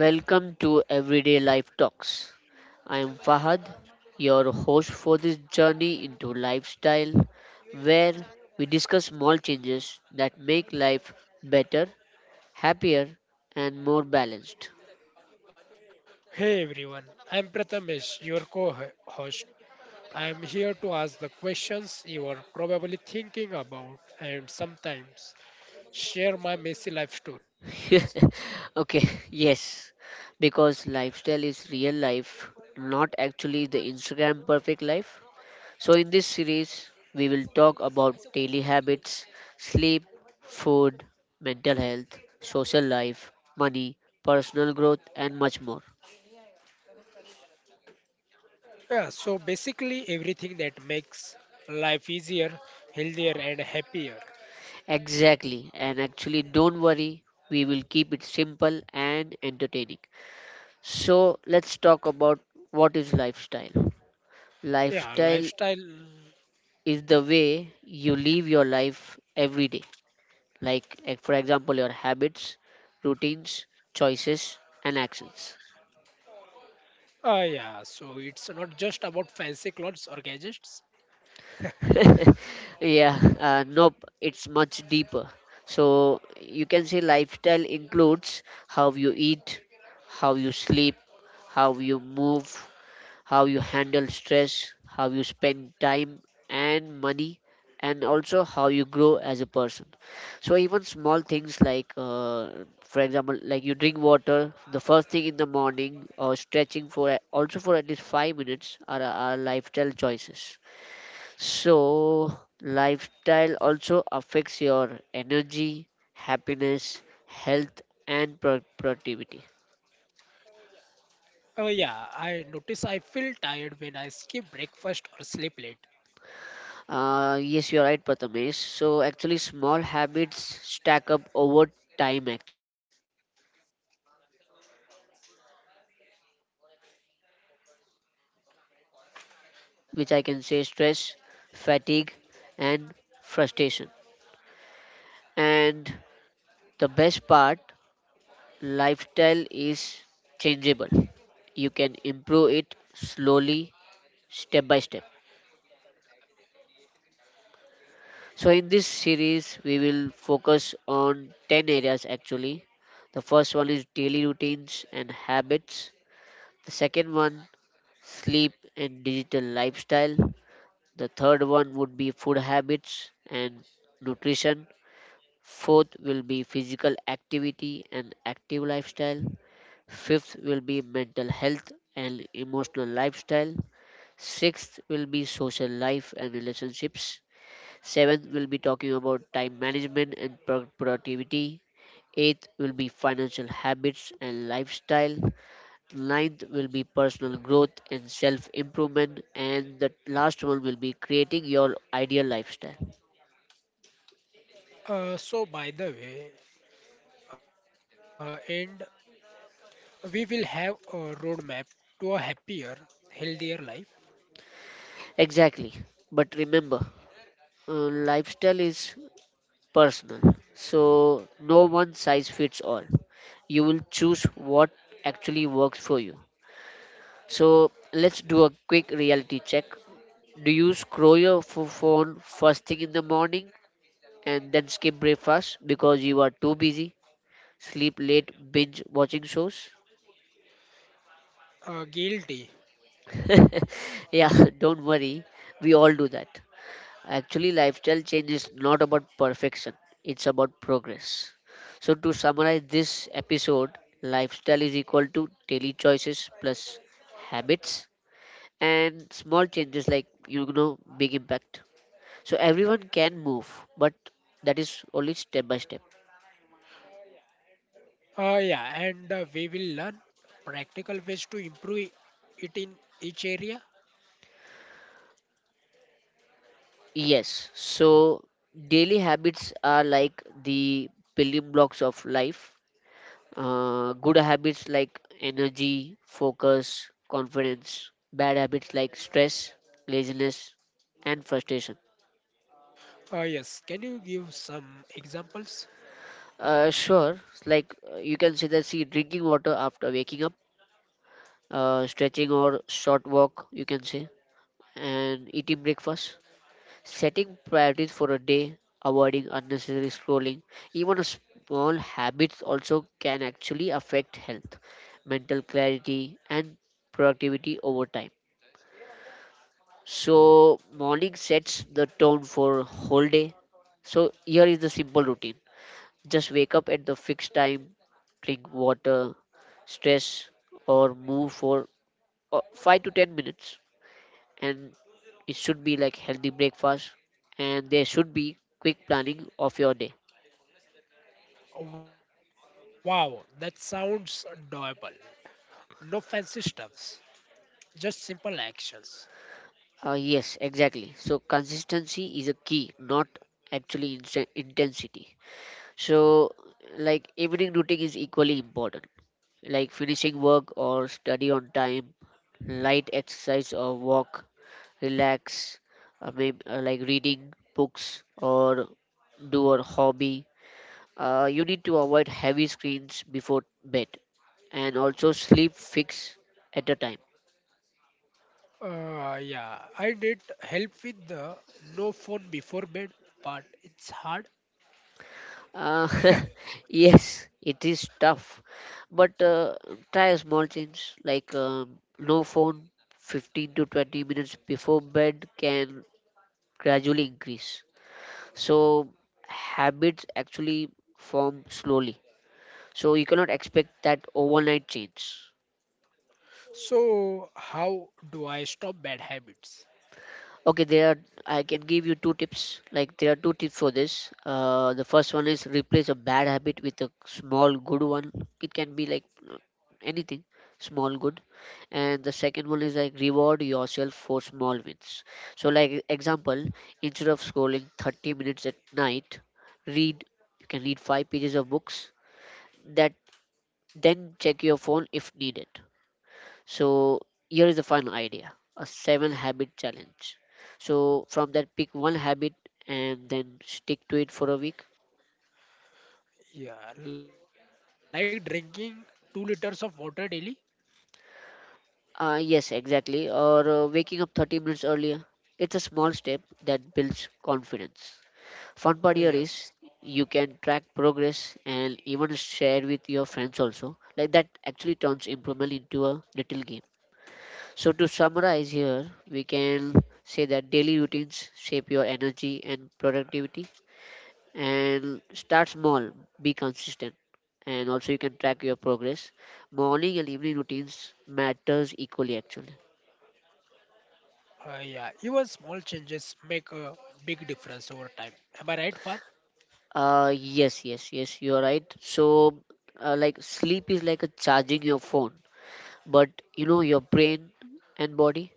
Welcome to Everyday Life Talks. I am Fahad, your host for this journey into lifestyle where we discuss small changes that make life better, happier and more balanced. Hey everyone, I'm Prathamesh, your co host. I'm here to ask the questions you are probably thinking about and sometimes share my messy life stories. Okay, yes. Because lifestyle is real life, not actually the Instagram perfect life. So, in this series, we will talk about daily habits, sleep, food, mental health, social life, money, personal growth, and much more. Yeah, so basically everything that makes life easier, healthier, and happier. Exactly, and actually, don't worry, we will keep it simple and entertaining. So, let's talk about what is lifestyle. Lifestyle Yeah, lifestyle. is the way you live your life every day, like, for example, your habits, routines, choices, and actions. Yeah, so it's not just about fancy clothes or gadgets. Yeah, nope, it's much deeper. So you can say lifestyle includes how you eat, how you sleep, how you move, how you handle stress, how you spend time and money, and also how you grow as a person. So even small things like, for example, like you drink water the first thing in the morning or also for at least 5 minutes are lifestyle choices. So, lifestyle also affects your energy, happiness, health, and productivity. Yeah, I notice I feel tired when I skip breakfast or sleep late. Yes, you're right, Prathamesh. So, actually, small habits stack up over time, actually. So, they are like good habits. You can say more energy, focus, and confidence. And the bad habits, which I can say stress, fatigue, and frustration. And the best part: lifestyle is changeable. You can improve it slowly, step by step. So, in this series, we will focus on 10 areas actually. The first one is daily routines and habits, the second one, sleep and digital lifestyle, the third one would be food habits and nutrition, fourth will be physical activity and active lifestyle. Fifth will be mental health and emotional lifestyle. Sixth will be social life and relationships. Seventh will be talking about time management and productivity. Eighth will be financial habits and lifestyle. Ninth will be personal growth and self improvement. And the last one will be creating your ideal lifestyle. So by the way, and we will have a roadmap to a happier, healthier life. Exactly. But remember, lifestyle is personal, so no one size fits all. You will choose what actually works for you. So let's do a quick reality check. Do you scroll your phone first thing in the morning and then skip breakfast because you are too busy? Sleep late, binge watching shows? Guilty. Yeah, don't worry, we all do that. Actually, lifestyle change is not about perfection, it's about progress. So, to summarize this episode, lifestyle is equal to daily choices plus habits, and small changes like big impact. So, everyone can move, but that is only step by step. Yeah, and we will learn practical ways to improve it in each area. Yes, so daily habits are like the building blocks of life. Good habits like energy, focus, confidence. Bad habits like stress, laziness, and frustration. Yes, can you give some examples? Sure, like you can say that, see, drinking water after waking up, stretching or short walk, you can say, and eating breakfast, setting priorities for a day, avoiding unnecessary scrolling. Even a small habits also can actually affect health, mental clarity, and productivity over time. So morning sets the tone for whole day. So here is the simple routine. Just wake up at the fixed time, drink water, stress or move for 5 to 10 minutes, and it should be like healthy breakfast, and there should be quick planning of your day. Wow, that sounds doable. No fancy stuffs, just simple actions. Yes, exactly. So consistency is a key, not actually intensity. So, like evening routine is equally important, like finishing work or study on time, light exercise or walk, relax, maybe, like reading books or do a hobby. You need to avoid heavy screens before bed and also sleep fix at a time. Yeah, I did help with the no phone before bed, but it's hard. Uh, yes, it is tough, but try a small change like no phone 15 to 20 minutes before bed can gradually increase. So habits actually form slowly, so you cannot expect that overnight change. So, how do I stop bad habits? Okay, there are, I can give you two tips, like there are two tips for this. The first one is replace a bad habit with a small good one. It can be like uh, anything small good. And the second one is like reward yourself for small wins. So like example, instead of scrolling 30 minutes at night, read, you can read five pages of books. That, then check your phone if needed. So here is the final idea, a seven habit challenge. So from that, pick one habit and then stick to it for a week. Yeah, like drinking 2 liters of water daily? Yes, exactly. Or waking up 30 minutes earlier. It's a small step that builds confidence. Fun part here is Yes. you can track progress and even share with your friends also. Like that actually turns improvement into a little game. So, to summarize here, we can say that daily routines shape your energy and productivity. And start small, be consistent, and also you can track your progress. Morning and evening routines matters equally, actually. Yeah, even small changes make a big difference over time. Am I right, Fat? Yes, yes, yes, you are right. So, like sleep is like a charging your phone, but you know your brain and body,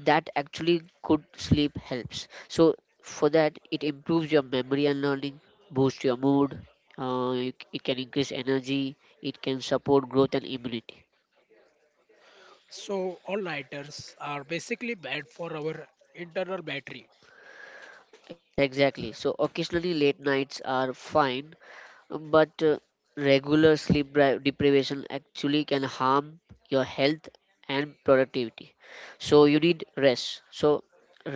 that actually good sleep helps. So for that, it improves your memory and learning, boosts your mood, you it can increase energy, it can support growth and immunity. So, all nighters are basically bad for our internal battery. Yes, exactly. So occasionally late nights are fine, but regular sleep deprivation actually can harm your health and productivity. So you need rest. So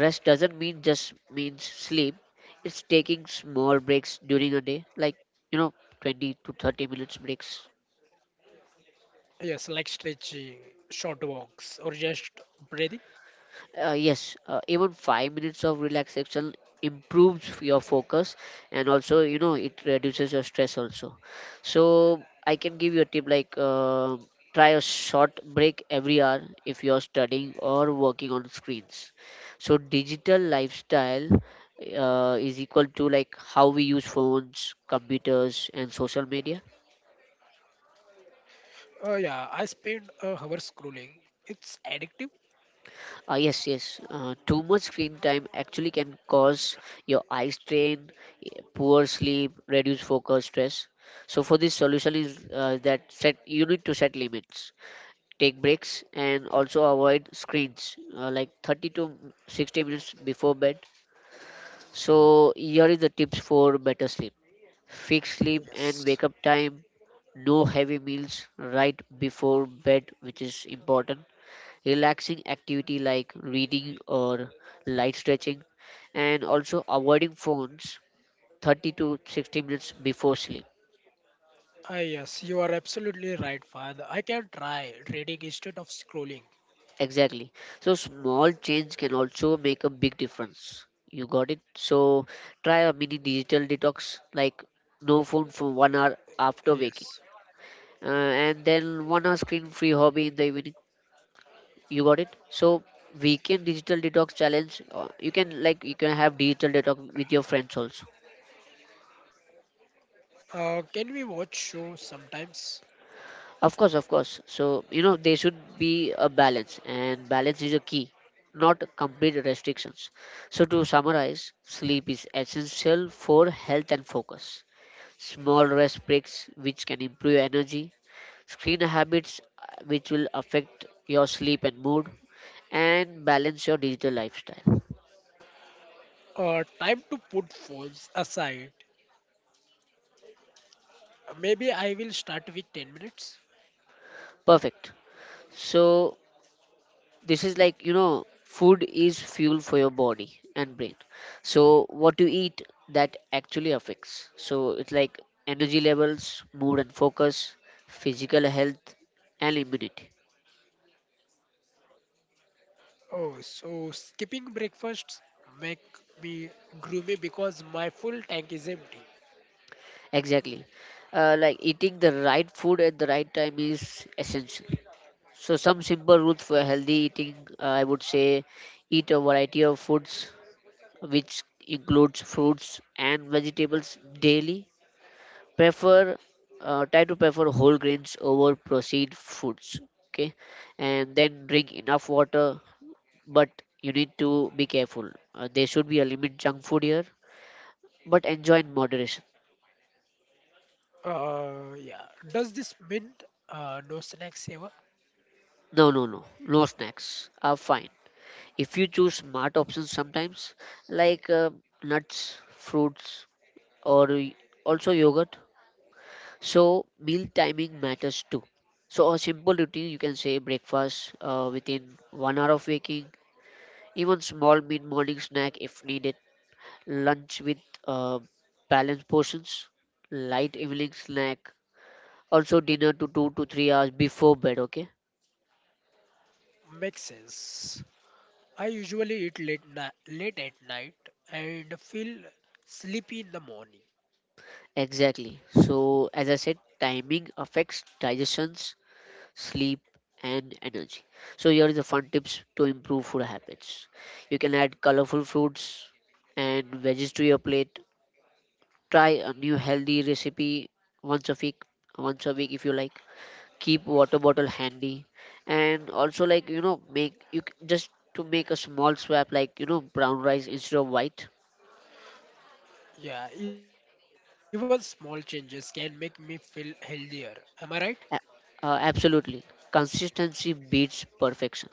rest doesn't mean just means sleep, it's taking small breaks during a day, like you know, 20 to 30 minutes breaks. Yes, like stretching, short walks, or just breathing. Yes, even 5 minutes of relaxation improves your focus, and also you know it reduces your stress also. So I can give you a tip like try a short break every hour if you're studying or working on screens. So digital lifestyle is equal to like how we use phones, computers, and social media. Yeah, I spend hours scrolling. It's addictive. Yes, yes. Too much screen time actually can cause your eye strain, poor sleep, reduced focus, stress. So for this, solution is that set you need to set limits, take breaks, and also avoid screens like 30 to 60 minutes before bed. So here is the tips for better sleep: fixed sleep and wake up Yes. time, no heavy meals right before bed, which is important, relaxing activity like reading or light stretching, and also avoiding phones 30 to 60 minutes before sleep. Ah, yes, you are absolutely right, Fahad. I can try reading instead of scrolling. Exactly. So small change can also make a big difference. You got it? So try a mini digital detox like no phone for 1 hour Yes. after waking. And then 1 hour screen free hobby in the evening. You got it? So weekend digital detox challenge. You can like you can have digital detox with your friends also. Can we watch show sometimes? Of course, of course. So, you know, there should be a balance, and balance is a key, not complete restrictions. So, to summarize, sleep is essential for health and focus. Small rest breaks, which can improve energy, screen habits, which will affect your sleep and mood, and balance your digital lifestyle. Time to put phones aside. Maybe I will start with 10 minutes. Perfect. So, this is like you know food is fuel for your body and brain. So what you eat, that actually affects, so it's like energy levels, mood and focus, physical health, and immunity. Oh, so skipping breakfasts make me gloomy because my full tank is empty. Exactly, like eating the right food at the right time is essential. So some simple rules for healthy eating, I would say, eat a variety of foods which includes fruits and vegetables daily, prefer, try to prefer whole grains over processed foods, okay, and then drink enough water. But you need to be careful, there should be a limit junk food here, but enjoy in moderation. Yeah. Does this mean no snacks ever? No, no, no, no, snacks are fine if you choose smart options sometimes, like nuts, fruits, or y- also yogurt. So meal timing matters too. So a simple routine, you can say breakfast within 1 hour of waking. Even small mid morning snack if needed, lunch with uh, balanced portions, light evening snack, also dinner to 2 to 3 hours before bed, okay? Makes sense. I usually eat late late at night and feel sleepy in the morning. Exactly. So, as I said, timing affects digestions, sleep, and energy. So, here is the fun tips to improve food habits. You can add colorful fruits and veggies to your plate. Try a new healthy recipe once a week, once a week if you like. Keep water bottle handy, and also just to make a small swap, brown rice instead of white. Yeah, even small changes can make me feel healthier. Am I right? A- Absolutely, consistency beats perfection.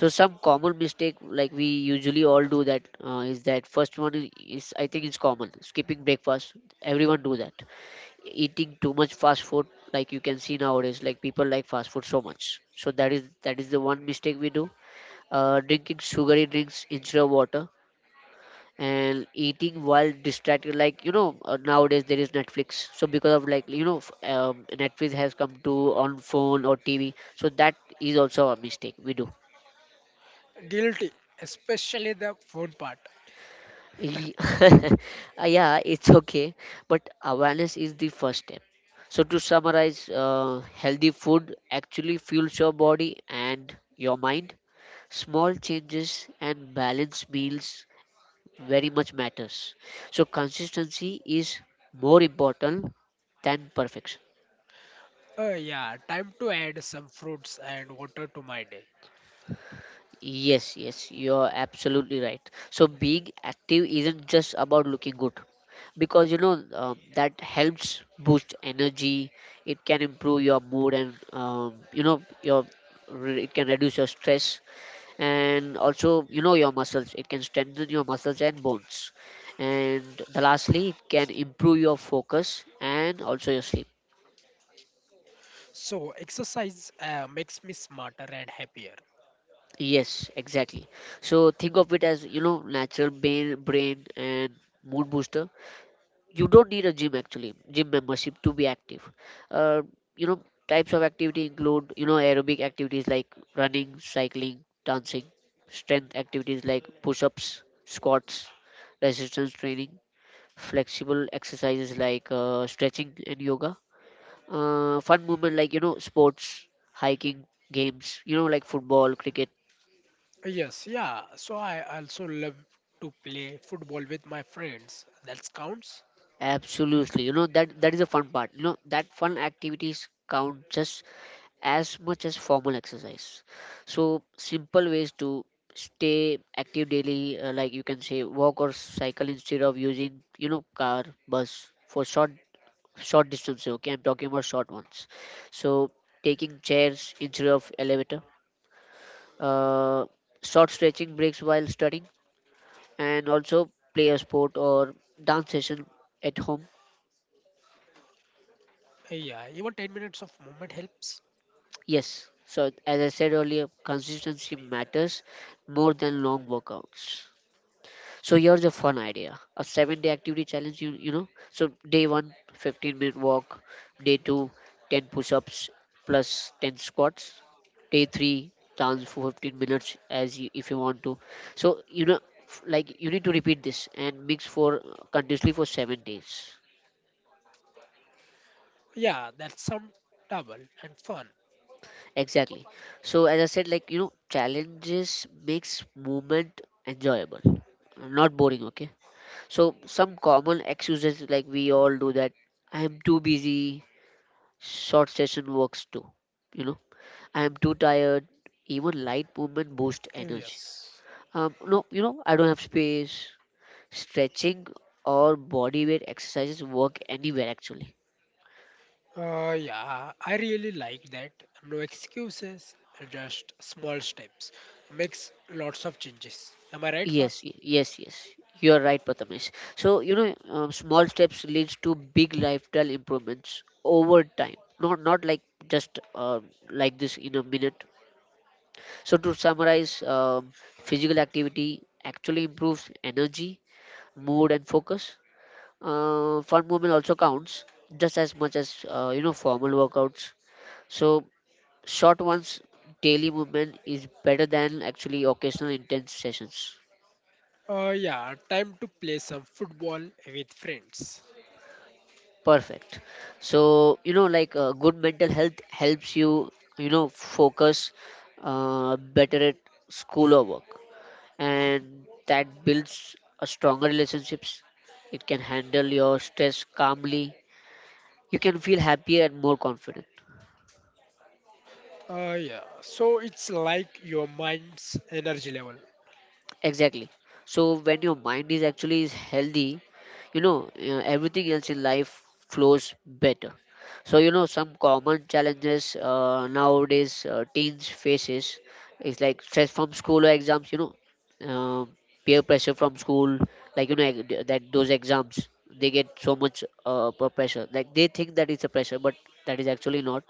So some common mistake like we usually all do that, is that first one is, I think it's common, skipping breakfast, everyone do that, eating too much fast food, like you can see nowadays like people like fast food so much. So that is the one mistake we do. Drinking sugary drinks instead of water, and eating while distracted, nowadays there is Netflix. So because of Netflix has come to on phone or TV, so that is also a mistake we do. Guilty, especially the food part. Ye- yeah, it's okay, but awareness is the first step. So to summarize, healthy food actually fuels your body and your mind. Small changes and balanced meals very much matters. So consistency is more important than perfection. Yeah, time to add some fruits and water to my day. Yes, yes, you're absolutely right. So being active isn't just about looking good, because that helps boost energy. It can improve your mood, and your it can reduce your stress, and also, you know, your muscles. It can strengthen your muscles and bones. And the lastly, it can improve your focus and also your sleep. So, exercise makes me smarter and happier. Yes, exactly. So think of it as, you know, natural brain and mood booster. You don't need a gym, actually, gym membership to be active. Uh, you know Types of activity include, you know, aerobic activities like running, cycling, dancing, strength activities like push-ups, squats, resistance training, flexible exercises like stretching and yoga, fun movement like, you know, sports, hiking, games, you know, like football, cricket. Yes, yeah. So, I also love to play football with my friends. That counts. Absolutely. You know, that is the fun part. You know that fun activities count just as much as formal exercise. So simple ways to stay active daily, like you can say walk or cycle instead of using, you know, car, bus for short distances. Okay, I'm talking about short ones. So taking chairs instead of elevator, uh, short stretching breaks while studying, and also play a sport or dance session at home. Yeah, even 10 minutes of movement helps. Yes. So as I said earlier, consistency matters more than long workouts. So here's a fun idea, a 7 day activity challenge, you know. So day one, 15-minute walk. Day two, 10 push ups plus 10 squats. Day three, dance for 15 minutes as you, if you want to. So, you know, like you need to repeat this and mix for continuously for 7 days. Yeah, that sound double and fun. Exactly. So as I said, like, you know, challenges makes movement enjoyable, not boring. Okay. So some common excuses, like we all do that, I am too busy, short session works too. You know, I am too tired. Even light movement boosts energy. Yes. No, you know, I don't have space. Stretching or body weight exercises work anywhere, actually. Yeah, I really like that. No excuses, just small steps. Makes lots of changes. Am I right, Fat? Yes, yes, yes. You are right, Prathamesh. So, you know, small steps leads to big lifestyle improvements over time. Not like just like this in a minute. So, to summarize, physical activity actually improves energy, mood, and focus. Fun movement also counts just as much as you know, formal workouts. So, short ones, daily movement is better than, actually, occasional intense sessions. Yeah, time to play some football with friends. Perfect. So, you know, like good mental health helps you, you know, focus better at school or work. And that builds a stronger relationships. It can handle your stress calmly. You can feel happier and more confident. Yeah, so it's like your mind's energy level. Exactly. So when your mind is actually is healthy, you know, everything else in life flows better. So, you know, some common challenges nowadays teens faces is like stress from school or exams. You know, uh, peer pressure from school, like, you know, that those exams, they get so much per pressure. Like they think that it's a pressure, but that is actually not.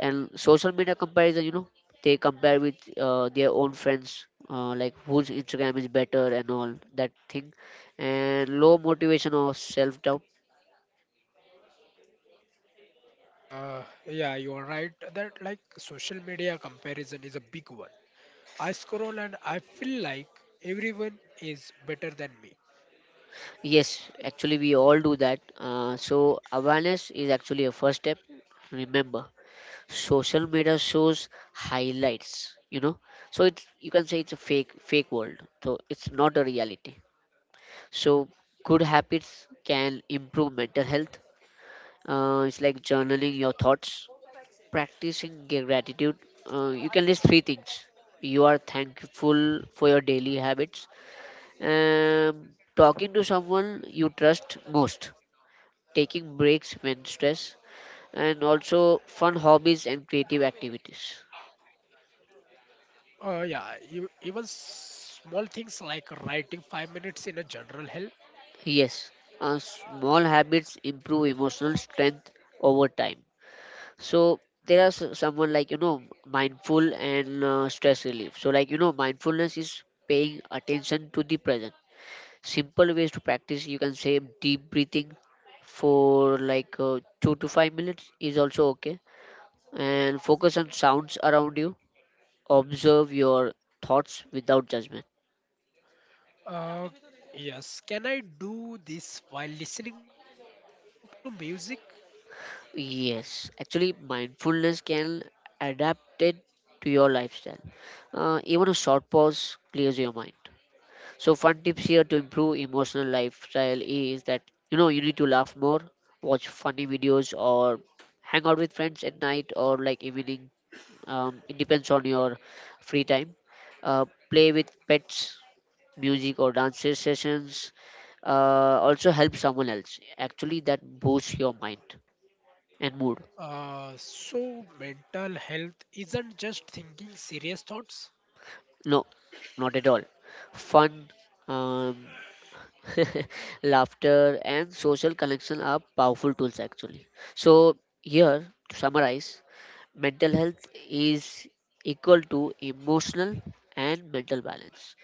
And social media comparison, you know, they compare with their own friends, like whose Instagram is better and all that thing, and low motivation or self doubt. Uh, yeah, you are right that like social media comparison is a big one. I scroll and I feel like everyone is better than me. Yes, actually we all do that. So awareness is actually a first step. Remember, social media shows highlights, you know, so it's, you can say it's a fake world, so it's not a reality. So good habits can improve mental health. It's like journaling your thoughts, practicing gratitude, you can list three things you are thankful for, your daily habits, um, talking to someone you trust most, taking breaks when stressed, and also fun hobbies and creative activities. Yeah, even small things like writing 5 minutes in a general help. Yes, small habits improve emotional strength over time. So there are someone, like, you know, mindful and stress relief. So, like, you know, mindfulness is paying attention to the present. Simple ways to practice, you can say deep breathing for like 2 to 5 minutes is also okay, and focus on sounds around you, observe your thoughts without judgment. Uh, yes, can I do this while listening to music? Yes, actually mindfulness can adapt it to your lifestyle. Even a short pause clears your mind. So fun tips here to improve emotional lifestyle is that, you know, you need to laugh more, watch funny videos, or hang out with friends at night or like evening. It depends on your free time. Play with pets, music or dance sessions. Also help someone else. Actually, that boosts your mind and mood. So mental health isn't just thinking serious thoughts. No, not at all. Fun, um, laughter, and social connection are powerful tools, actually. So, here to summarize, mental health is equal to emotional and mental balance,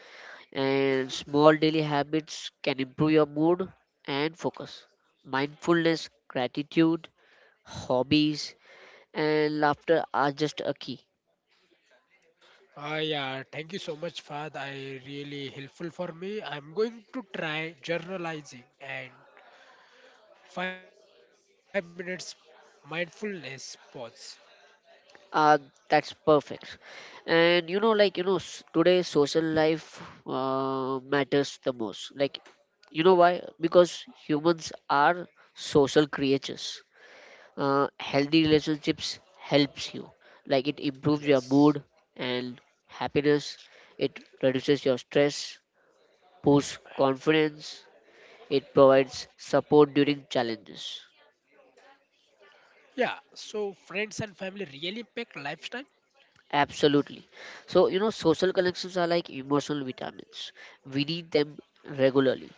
and small daily habits can improve your mood and focus. Mindfulness, gratitude, hobbies, and laughter are just a key. Yeah, thank you so much, Fahad. I really helpful for me. I'm going to try journalizing and 5 minutes mindfulness pause. Uh, that's perfect. And, you know, today social life matters the most. Like, you know why? Because humans are social creatures. Healthy relationships helps you, like, it improves your mood Yes. and happiness, it reduces your stress, boosts confidence, it provides support during challenges. Yeah, so friends and family really impact lifestyle. Absolutely. So, you know, social connections are like emotional vitamins, we need them regularly.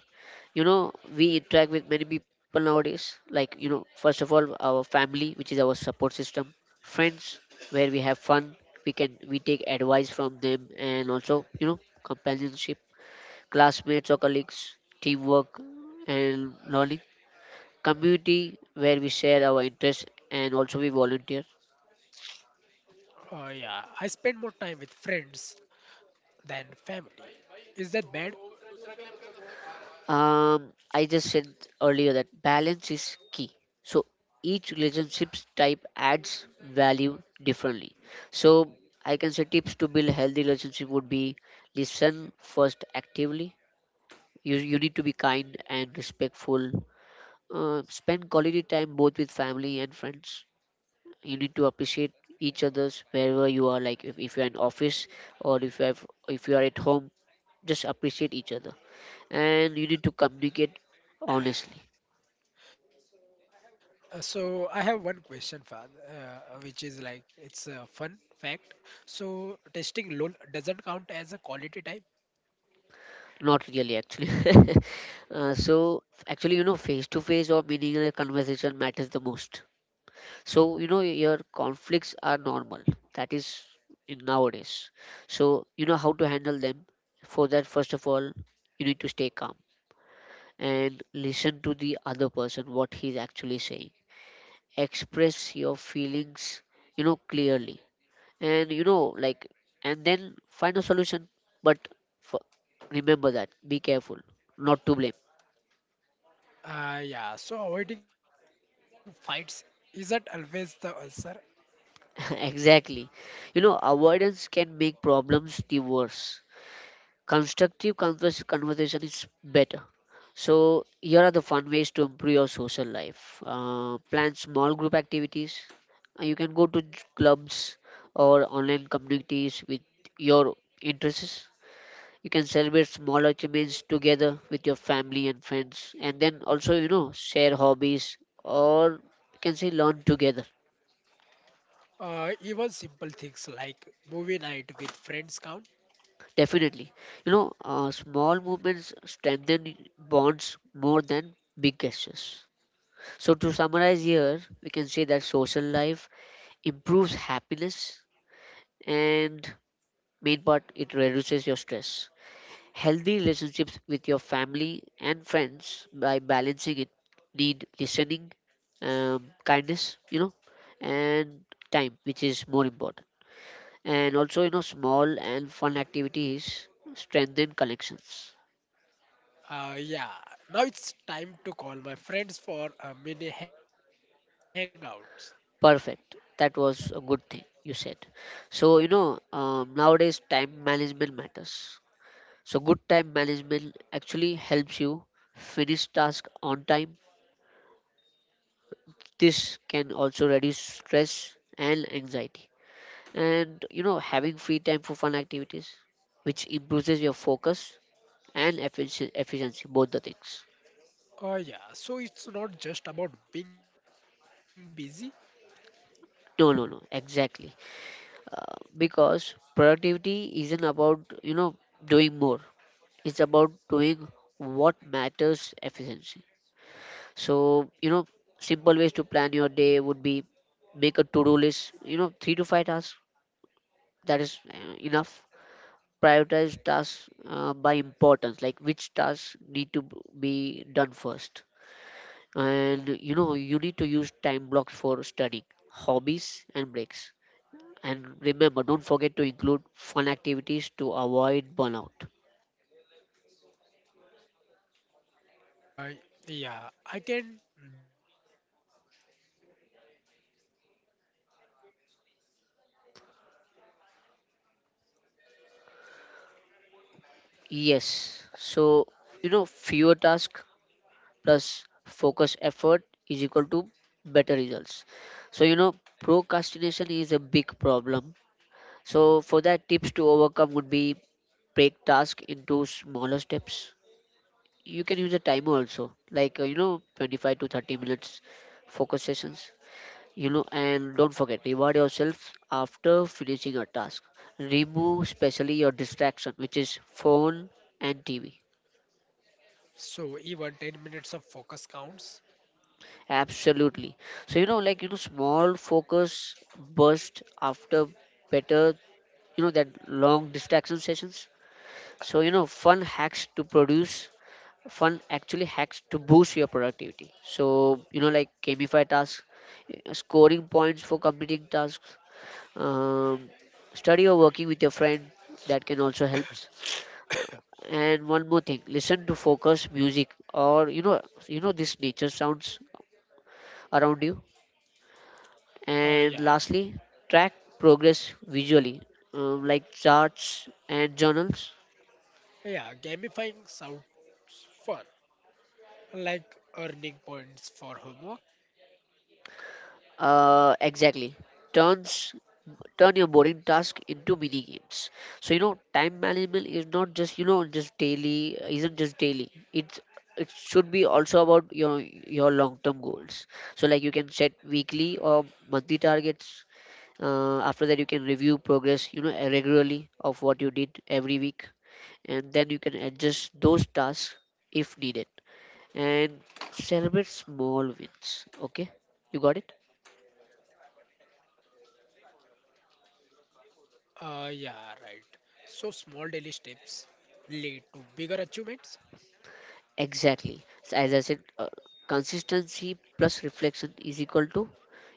You know, we interact with many people nowadays, like, you know, first of all our family, which is our support system, friends, where we have fun, we take advice from them, and also, you know, companionship, classmates or colleagues, teamwork and learning, community where we share our interests and also we volunteer. Yeah, I spend more time with friends than family. Is that bad? I just said earlier that balance is key. So each relationship type adds value differently. So I can say tips to build healthy relationship would be listen first actively. You need to be kind and respectful. Spend quality time both with family and friends. You need to appreciate each other's, wherever you are, like, if you're in office, or if you have if you are at home, just appreciate each other, and you need to communicate honestly. So I have one question, Fad, which is like it's a fun fact. So testing LOL doesn't count as a quality time. Not really, actually. So actually, you know, face to face or meaningful conversation matters the most. So, you know, your conflicts are normal, that is in nowadays. So, you know, how to handle them? For that, first of all, you need to stay calm and listen to the other person what he's actually saying, express your feelings, you know, clearly, and you know like and then find a solution. But for, remember that, be careful not to blame. Yeah, so avoiding fights isn't always the answer. Exactly. You know, avoidance can make problems the worse, constructive conversation is better. So, here are the fun ways to improve your social life. Plan small group activities. You can go to clubs or online communities with your interests. You can celebrate small achievements together with your family and friends, and then also, you know, share hobbies, or you can say learn together. Even simple things like movie night with friends count. Definitely, you know, small movements strengthen bonds more than big gestures. So, to summarize here, we can say that social life improves happiness and, main part, it reduces your stress. Healthy relationships with your family and friends by balancing it need listening, kindness, you know, and time, which is more important. And also, you know, small and fun activities strengthen connections. Yeah, now it's time to call my friends for a mini hangout. Perfect. That was a good thing you said. So, you know, nowadays time management matters. So good time management actually helps you finish task on time. This can also reduce stress and anxiety. And, you know, having free time for fun activities, which improves your focus and efficiency, both the things. Yeah, so it's not just about being busy. No, no, no, exactly. Because productivity isn't about, you know, doing more. It's about doing what matters efficiency. So, you know, simple ways to plan your day would be make a to do list, you know, three to five tasks. That is enough. Prioritize tasks by importance, like which tasks need to be done first. And, you know, you need to use time blocks for studying, hobbies, and breaks. And remember, don't forget to include fun activities to avoid burnout. Uh, yeah, I can do three main tasks. I usually try 10 and get stressed. Yes. So, you know, fewer tasks plus focus effort is equal to better results. So, you know, procrastination is a big problem. So for that, tips to overcome would be break task into smaller steps. You can use a timer also, like you know, 25 to 30 minutes focus sessions. You know, and don't forget, reward yourself after finishing a task, remove especially your distraction, which is phone and TV. So even 10 minutes of focus counts. Absolutely. So, you know, small focus burst after better, you know, that long distraction sessions. So, you know, fun actually hacks to boost your productivity. So, you know, like gamify tasks, scoring points for completing tasks, um, study or working with your friend, that can also helps. Uh, and one more thing, listen to focus music or, you know, this nature sounds around you, Uh, and yeah, lastly, track progress visually, like charts and journals. yeah, gamifying sounds fun, like earning points for homework. Exactly. Turns Turn your boring task into mini games. So, you know, time management is not just you know just daily isn't just daily. It's, it should be also about your long term goals. So, like, you can set weekly or monthly targets. After that, you can review progress, you know, regularly of what you did every week, and then you can adjust those tasks if needed, and celebrate small wins. Okay, you got it. Yeah, right. So small daily steps lead to bigger achievements. Exactly. So as I said, consistency plus reflection is equal to,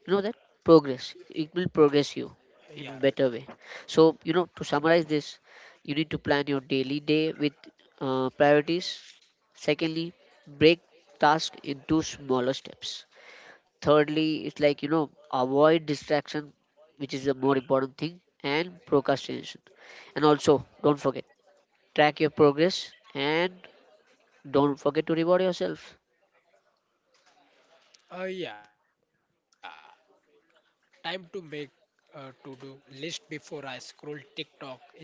you know, that progress. It will Yeah, progress you right. in better way. So, you know, to summarize this, you need to plan your daily day with priorities. Secondly, break task into smaller steps. Thirdly, it's like, you know, avoid distraction, which is the more important thing, and procrastination. And also, don't forget, track your progress, and don't forget to reward yourself. Yeah, time to make to do list before I scroll TikTok, Instagram.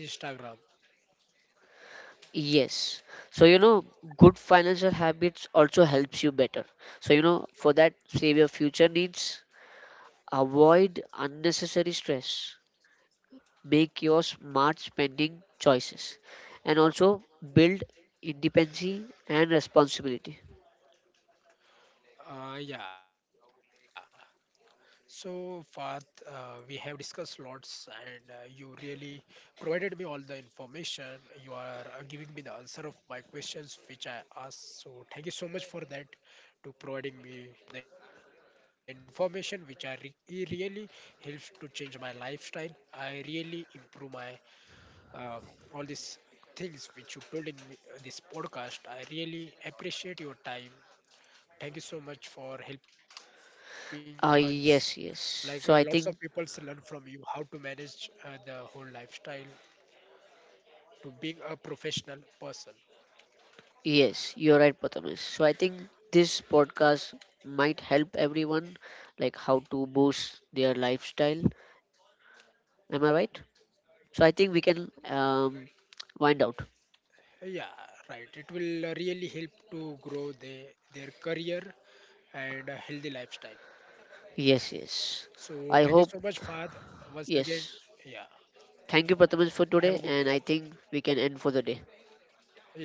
Yes. So, you know, good financial habits also helps you better. So, you know, for that, save your future needs, avoid unnecessary stress, make your smart spending choices, and also build independence and responsibility. Yeah. So Fath, we have discussed lots, and you really provided me all the information. You are giving me the answer of my questions which I asked. So thank you so much for that, to providing me the information which it really helps to change my lifestyle. I really improve my uh, all these things which you told in this podcast. I really appreciate your time. Thank you so much for helping us. Like lots Yes, of yes. people So learn I from think, you how to manage the whole lifestyle to being a professional person. yes, you're right, Prathamesh. So I think this podcast might help everyone, like how to boost their lifestyle. Am I right? Uh, So I yeah, I think we can really, wind out. yeah, right. It will really help to grow their career and a healthy lifestyle. So Yes, thank you so much, yes. Fahad. I hope, Once again, yeah. yes. Thank Have you, a good Prathaman, day. for today, and I think we can end for the day. Yeah.